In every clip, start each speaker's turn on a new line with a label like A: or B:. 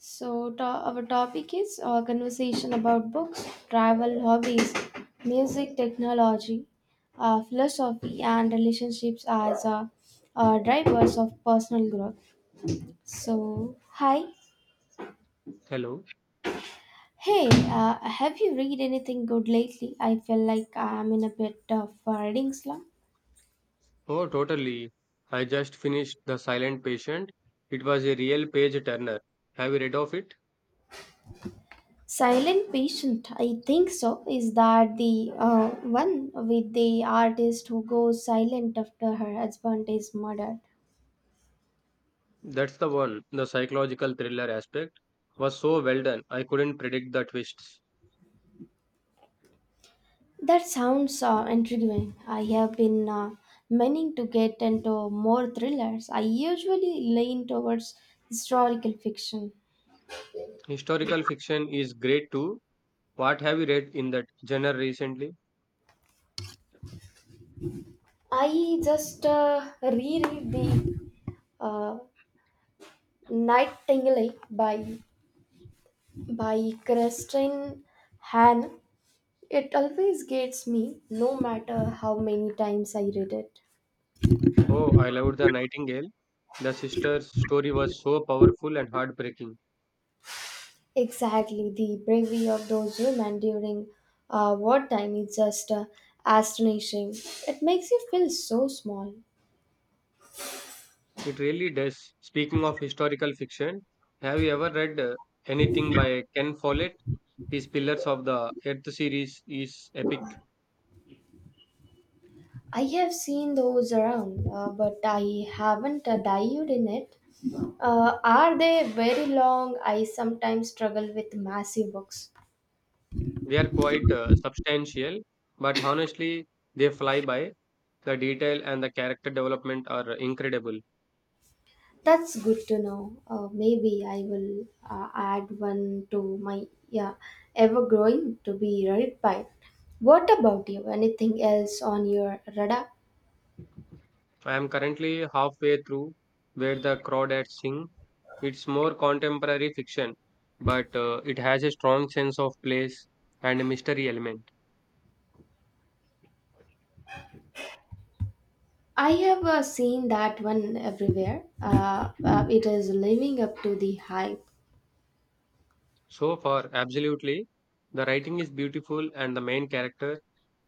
A: So, our topic is conversation about books, travel, hobbies, music, technology, philosophy, and relationships as drivers of personal growth. So, hi.
B: Hello.
A: Hey, have you read anything good lately? I feel like I'm in a bit of a reading slump.
B: Oh, totally. I just finished The Silent Patient. It was a real page turner. Have you read of it?
A: Silent Patient, I think so. Is that the one with the artist who goes silent after her husband is murdered?
B: That's the one. The psychological thriller aspect was so well done. I couldn't predict the twists.
A: That sounds intriguing. I have been meaning to get into more thrillers. I usually lean towards historical fiction.
B: Historical fiction is great too. What have you read in that genre recently?
A: I just reread the uh, Nightingale by Christine Hahn. It always gets me, no matter how many times I read it.
B: Oh, I loved The Nightingale. The sister's story was so powerful and heartbreaking.
A: Exactly, the bravery of those women during wartime is just astonishing. It makes you feel so small.
B: It really does. Speaking of historical fiction, have you ever read anything by Ken Follett? These pillars of the Earth series is epic.
A: I have seen those around, but I haven't dived in it. Are they very long? I sometimes struggle with massive books.
B: They are quite substantial, but honestly, they fly by. The detail and the character development are incredible.
A: That's good to know. Maybe I will add one to my yeah, ever growing to be read by. What about you? Anything else on your radar?
B: I am currently halfway through Where the Crawdads Sing. It's more contemporary fiction, but it has a strong sense of place and a mystery element.
A: I have seen that one everywhere. It is living up to the hype.
B: So far, absolutely, the writing is beautiful and the main character,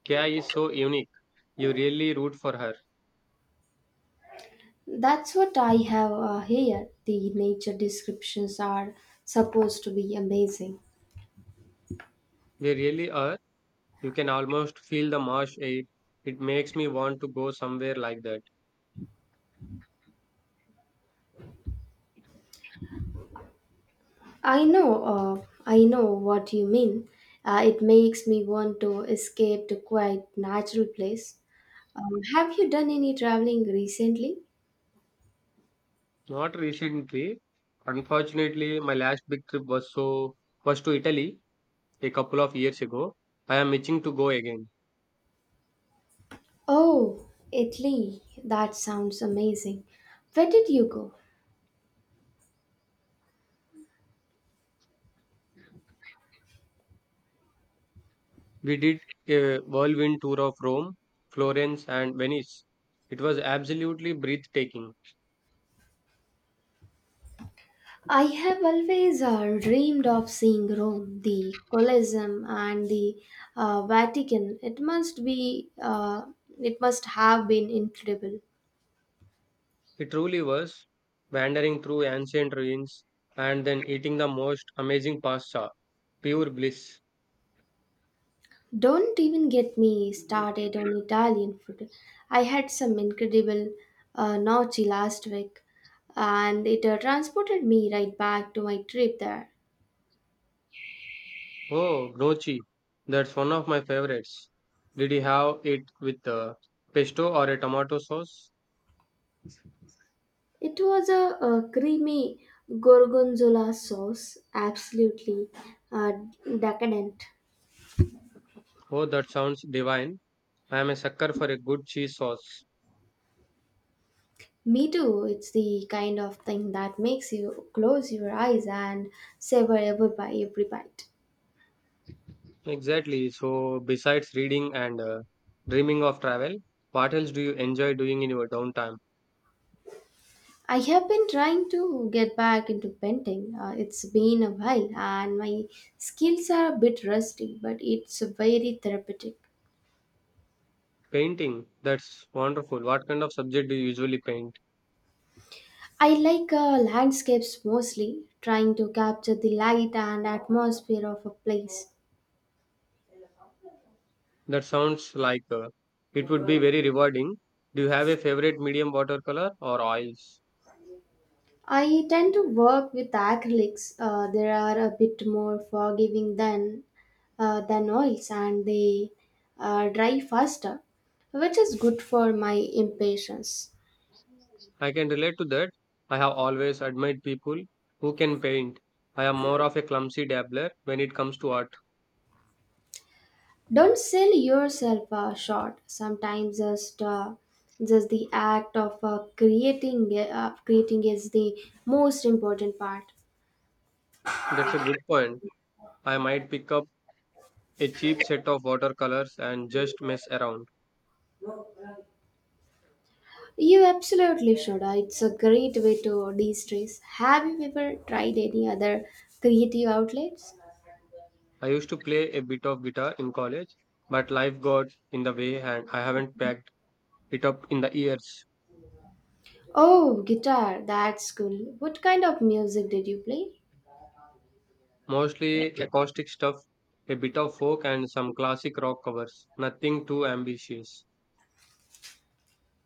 B: Kya, is so unique. You really root for her.
A: That's what I have here. The nature descriptions are supposed to be amazing.
B: They really are. You can almost feel the marsh air. It makes me want to go somewhere like that.
A: I know what you mean. It makes me want to escape to quite natural place. Have you done any traveling recently?
B: Not recently. Unfortunately, my last big trip was to Italy a couple of years ago. I am itching to go again.
A: Oh, Italy. That sounds amazing. Where did you go?
B: We did a whirlwind tour of Rome, Florence, and Venice. It was absolutely breathtaking.
A: I have always dreamed of seeing Rome, the Colosseum, and the Vatican. It must have been incredible.
B: It truly was. Wandering through ancient ruins and then eating the most amazing pasta. Pure bliss.
A: Don't even get me started on Italian food. I had some incredible gnocchi last week, and it transported me right back to my trip there.
B: Oh, gnocchi. That's one of my favorites. Did you have it with pesto or a tomato sauce?
A: It was a creamy gorgonzola sauce, absolutely uh, decadent.
B: Oh, that sounds divine. I am a sucker for a good cheese sauce.
A: Me too. It's the kind of thing that makes you close your eyes and savor every bite. Every bite.
B: Exactly. So, besides reading and dreaming of travel, what else do you enjoy doing in your downtime?
A: I have been trying to get back into painting. It's been a while, and my skills are a bit rusty, but it's very therapeutic.
B: Painting. That's wonderful. What kind of subject do you usually paint?
A: I like landscapes mostly, trying to capture the light and atmosphere of a place.
B: That sounds like it would be very rewarding. Do you have a favorite medium watercolor or oils?
A: I tend to work with acrylics. They are a bit more forgiving than oils, and they dry faster, which is good for my impatience.
B: I can relate to that. I have always admired people who can paint. I am more of a clumsy dabbler when it comes to art.
A: Don't sell yourself short. Sometimes just the act of creating is the most important part.
B: That's a good point. I might pick up a cheap set of watercolors and just mess around.
A: You absolutely should. It's a great way to de-stress. Have you ever tried any other creative outlets?
B: I used to play a bit of guitar in college, but life got in the way and I haven't packed it up in the years.
A: Oh, guitar, that's cool. What kind of music did you play?
B: Mostly acoustic stuff, a bit of folk and some classic rock covers. Nothing too ambitious.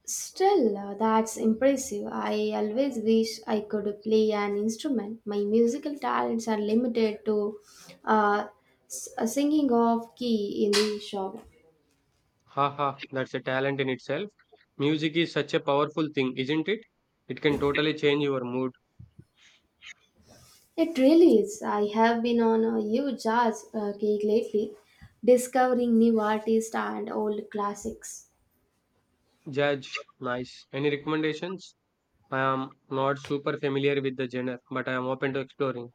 A: Still, that's impressive. I always wish I could play an instrument. My musical talents are limited to uh, singing off key in the shower.
B: Haha, that's a talent in itself. Music is such a powerful thing, isn't it? It can totally change your mood.
A: It really is. I have been on a huge jazz kick lately, discovering new artists and old classics.
B: Judge, nice. Any recommendations? I am not super familiar with the genre, but I am open to exploring.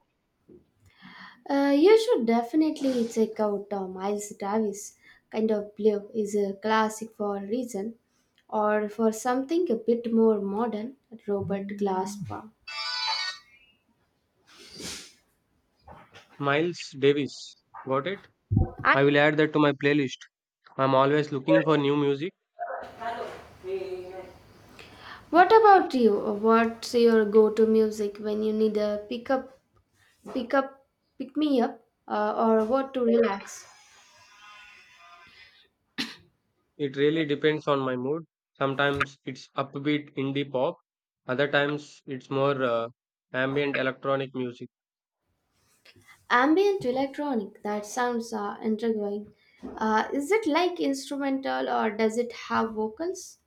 A: You should definitely check out Miles Davis. Kind of Blue is a classic for a reason, or for something a bit more modern, Robert Glasper.
B: Miles Davis, got it?
A: And
B: I will add that to my playlist. I am always looking for new music.
A: what about you? What's your go-to music when you need a pick up, pick up, pick me up, or what to relax?
B: It really depends on my mood. Sometimes it's upbeat indie pop, other times it's more ambient electronic music.
A: Ambient electronic. That sounds intriguing. Is it like instrumental or does it have vocals?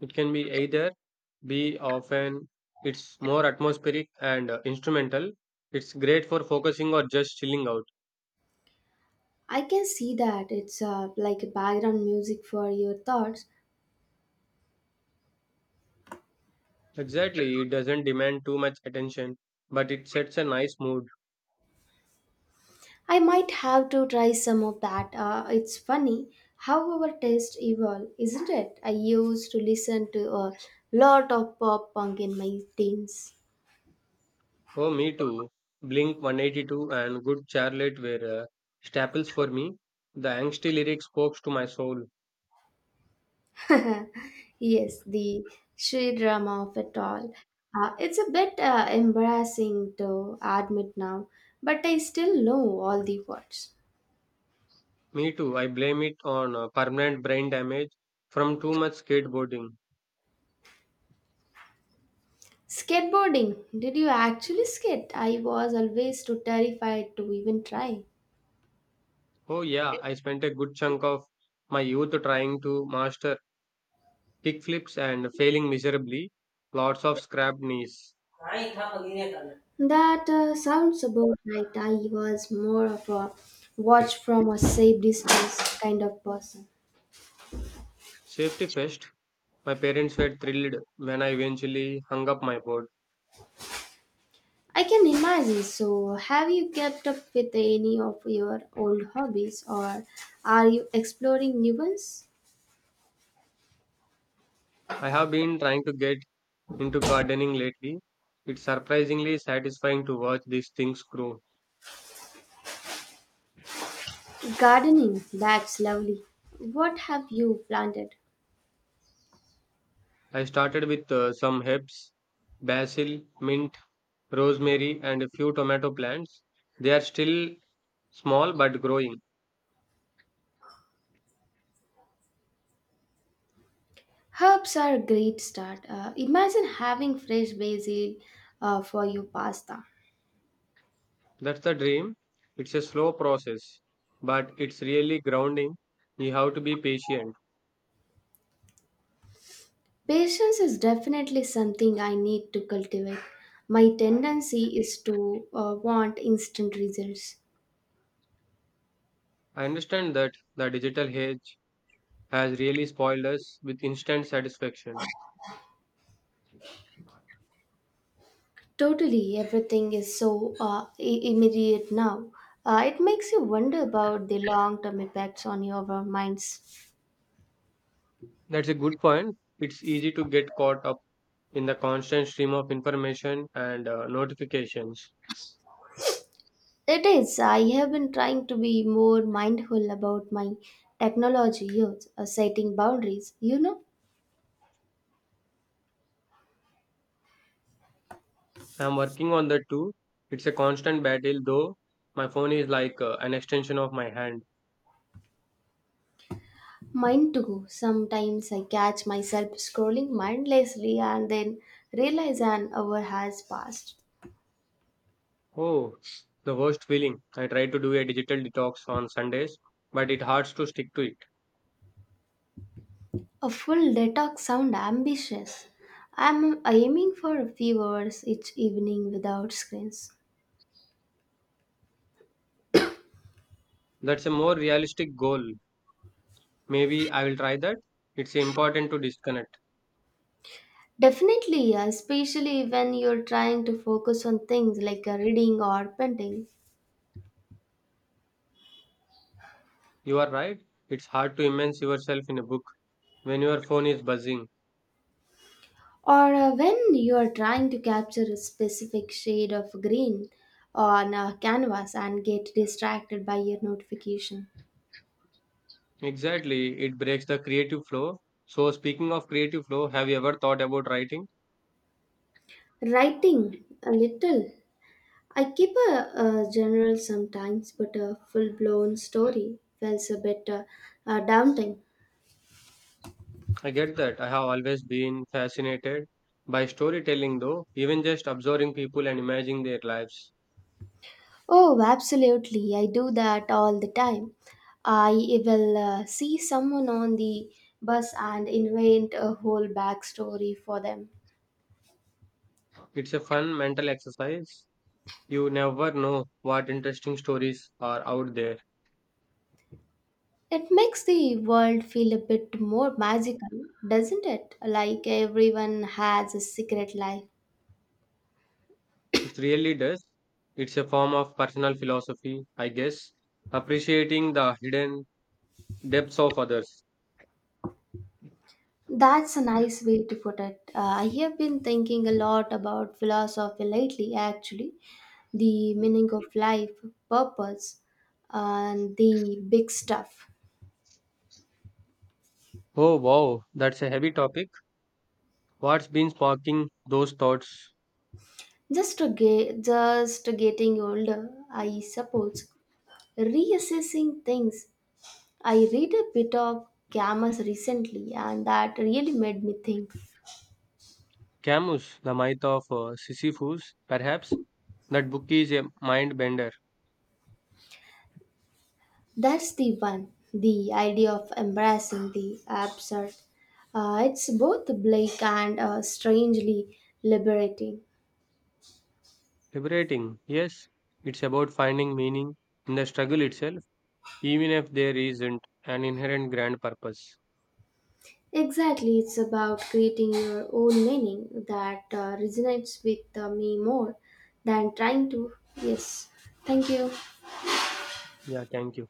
B: It can be either, be often it's more atmospheric and instrumental. It's great for focusing or just chilling out.
A: I can see that it's like a background music for your thoughts.
B: Exactly, it doesn't demand too much attention, but it sets a nice mood.
A: I might have to try some of that. It's funny how our taste evolve, isn't it? I used to listen to a lot of pop punk in my teens.
B: Oh, me too. Blink 182 and Good Charlotte were staples for me. The angsty lyric spoke to my soul.
A: yes, the sheer drama of it all. It's a bit embarrassing to admit now, but I still know all the words.
B: Me too. I blame it on permanent brain damage from too much skateboarding.
A: Skateboarding. Did you actually skate? I was always too terrified to even try.
B: Oh, yeah, I spent a good chunk of my youth trying to master kickflips and failing miserably, lots of scrapped knees.
A: That sounds about right. I was more of a watch from a safe distance kind of person.
B: Safety first, my parents were thrilled when I eventually hung up my board.
A: I can imagine. So, have you kept up with any of your old hobbies or are you exploring new ones?
B: I have been trying to get into gardening lately. It's surprisingly satisfying to watch these things grow.
A: Gardening. That's lovely. What have you planted?
B: I started with some herbs, basil, mint, rosemary, and a few tomato plants. They are still small but growing.
A: Herbs are a great start. Imagine having fresh basil for your pasta.
B: That's the dream. It's a slow process, but it's really grounding. You have to be patient.
A: Patience is definitely something I need to cultivate. My tendency is to want instant results.
B: I understand that the digital age has really spoiled us with instant satisfaction.
A: Totally, everything is so immediate now. It makes you wonder about the long term effects on your minds.
B: That's a good point. It's easy to get caught up in the constant stream of information and notifications.
A: It is. I have been trying to be more mindful about my technology use, setting boundaries, you know.
B: I'm working on that too. It's a constant battle though. My phone is like an extension of my hand.
A: Mine too. Sometimes I catch myself scrolling mindlessly and then realize an hour has passed.
B: Oh, the worst feeling. I try to do a digital detox on Sundays, but it hurts to stick to it.
A: A full detox sound ambitious. I'm aiming for a few hours each evening without screens.
B: That's a more realistic goal. Maybe I will try that. It's important to disconnect.
A: Definitely, especially when you're trying to focus on things like reading or painting,
B: You are right. It's hard to immerse yourself in a book when your phone is buzzing.
A: or when you are trying to capture a specific shade of green on a canvas and get distracted by your notification.
B: Exactly, it breaks the creative flow. So, speaking of creative flow, have you ever thought about writing?
A: Writing a little. I keep a journal sometimes, but a full blown story feels a bit daunting.
B: I get that. I have always been fascinated by storytelling, though, even just observing people and imagining their lives.
A: Oh, absolutely. I do that all the time. I will see someone on the bus and invent a whole backstory for them.
B: It's a fun mental exercise. You never know what interesting stories are out there.
A: It makes the world feel a bit more magical, doesn't it? Like everyone has a secret life.
B: It really does. It's a form of personal philosophy, I guess, appreciating the hidden depths of others.
A: That's a nice way to put it. I have been thinking a lot about philosophy lately, actually, the meaning of life, purpose, and the big stuff.
B: Oh wow, that's a heavy topic. What's been sparking those thoughts?
A: Just getting older, I suppose, reassessing things. I read a bit of Camus recently, and that really made me think.
B: Camus, The Myth of Sisyphus, perhaps? That book is a mind bender.
A: That's the one, the idea of embracing the absurd. It's both bleak and strangely liberating.
B: Liberating, yes. It's about finding meaning in the struggle itself, even if there isn't an inherent grand purpose.
A: Exactly, it's about creating your own meaning that resonates with me more than trying to. Yes, thank you.
B: Yeah, thank you.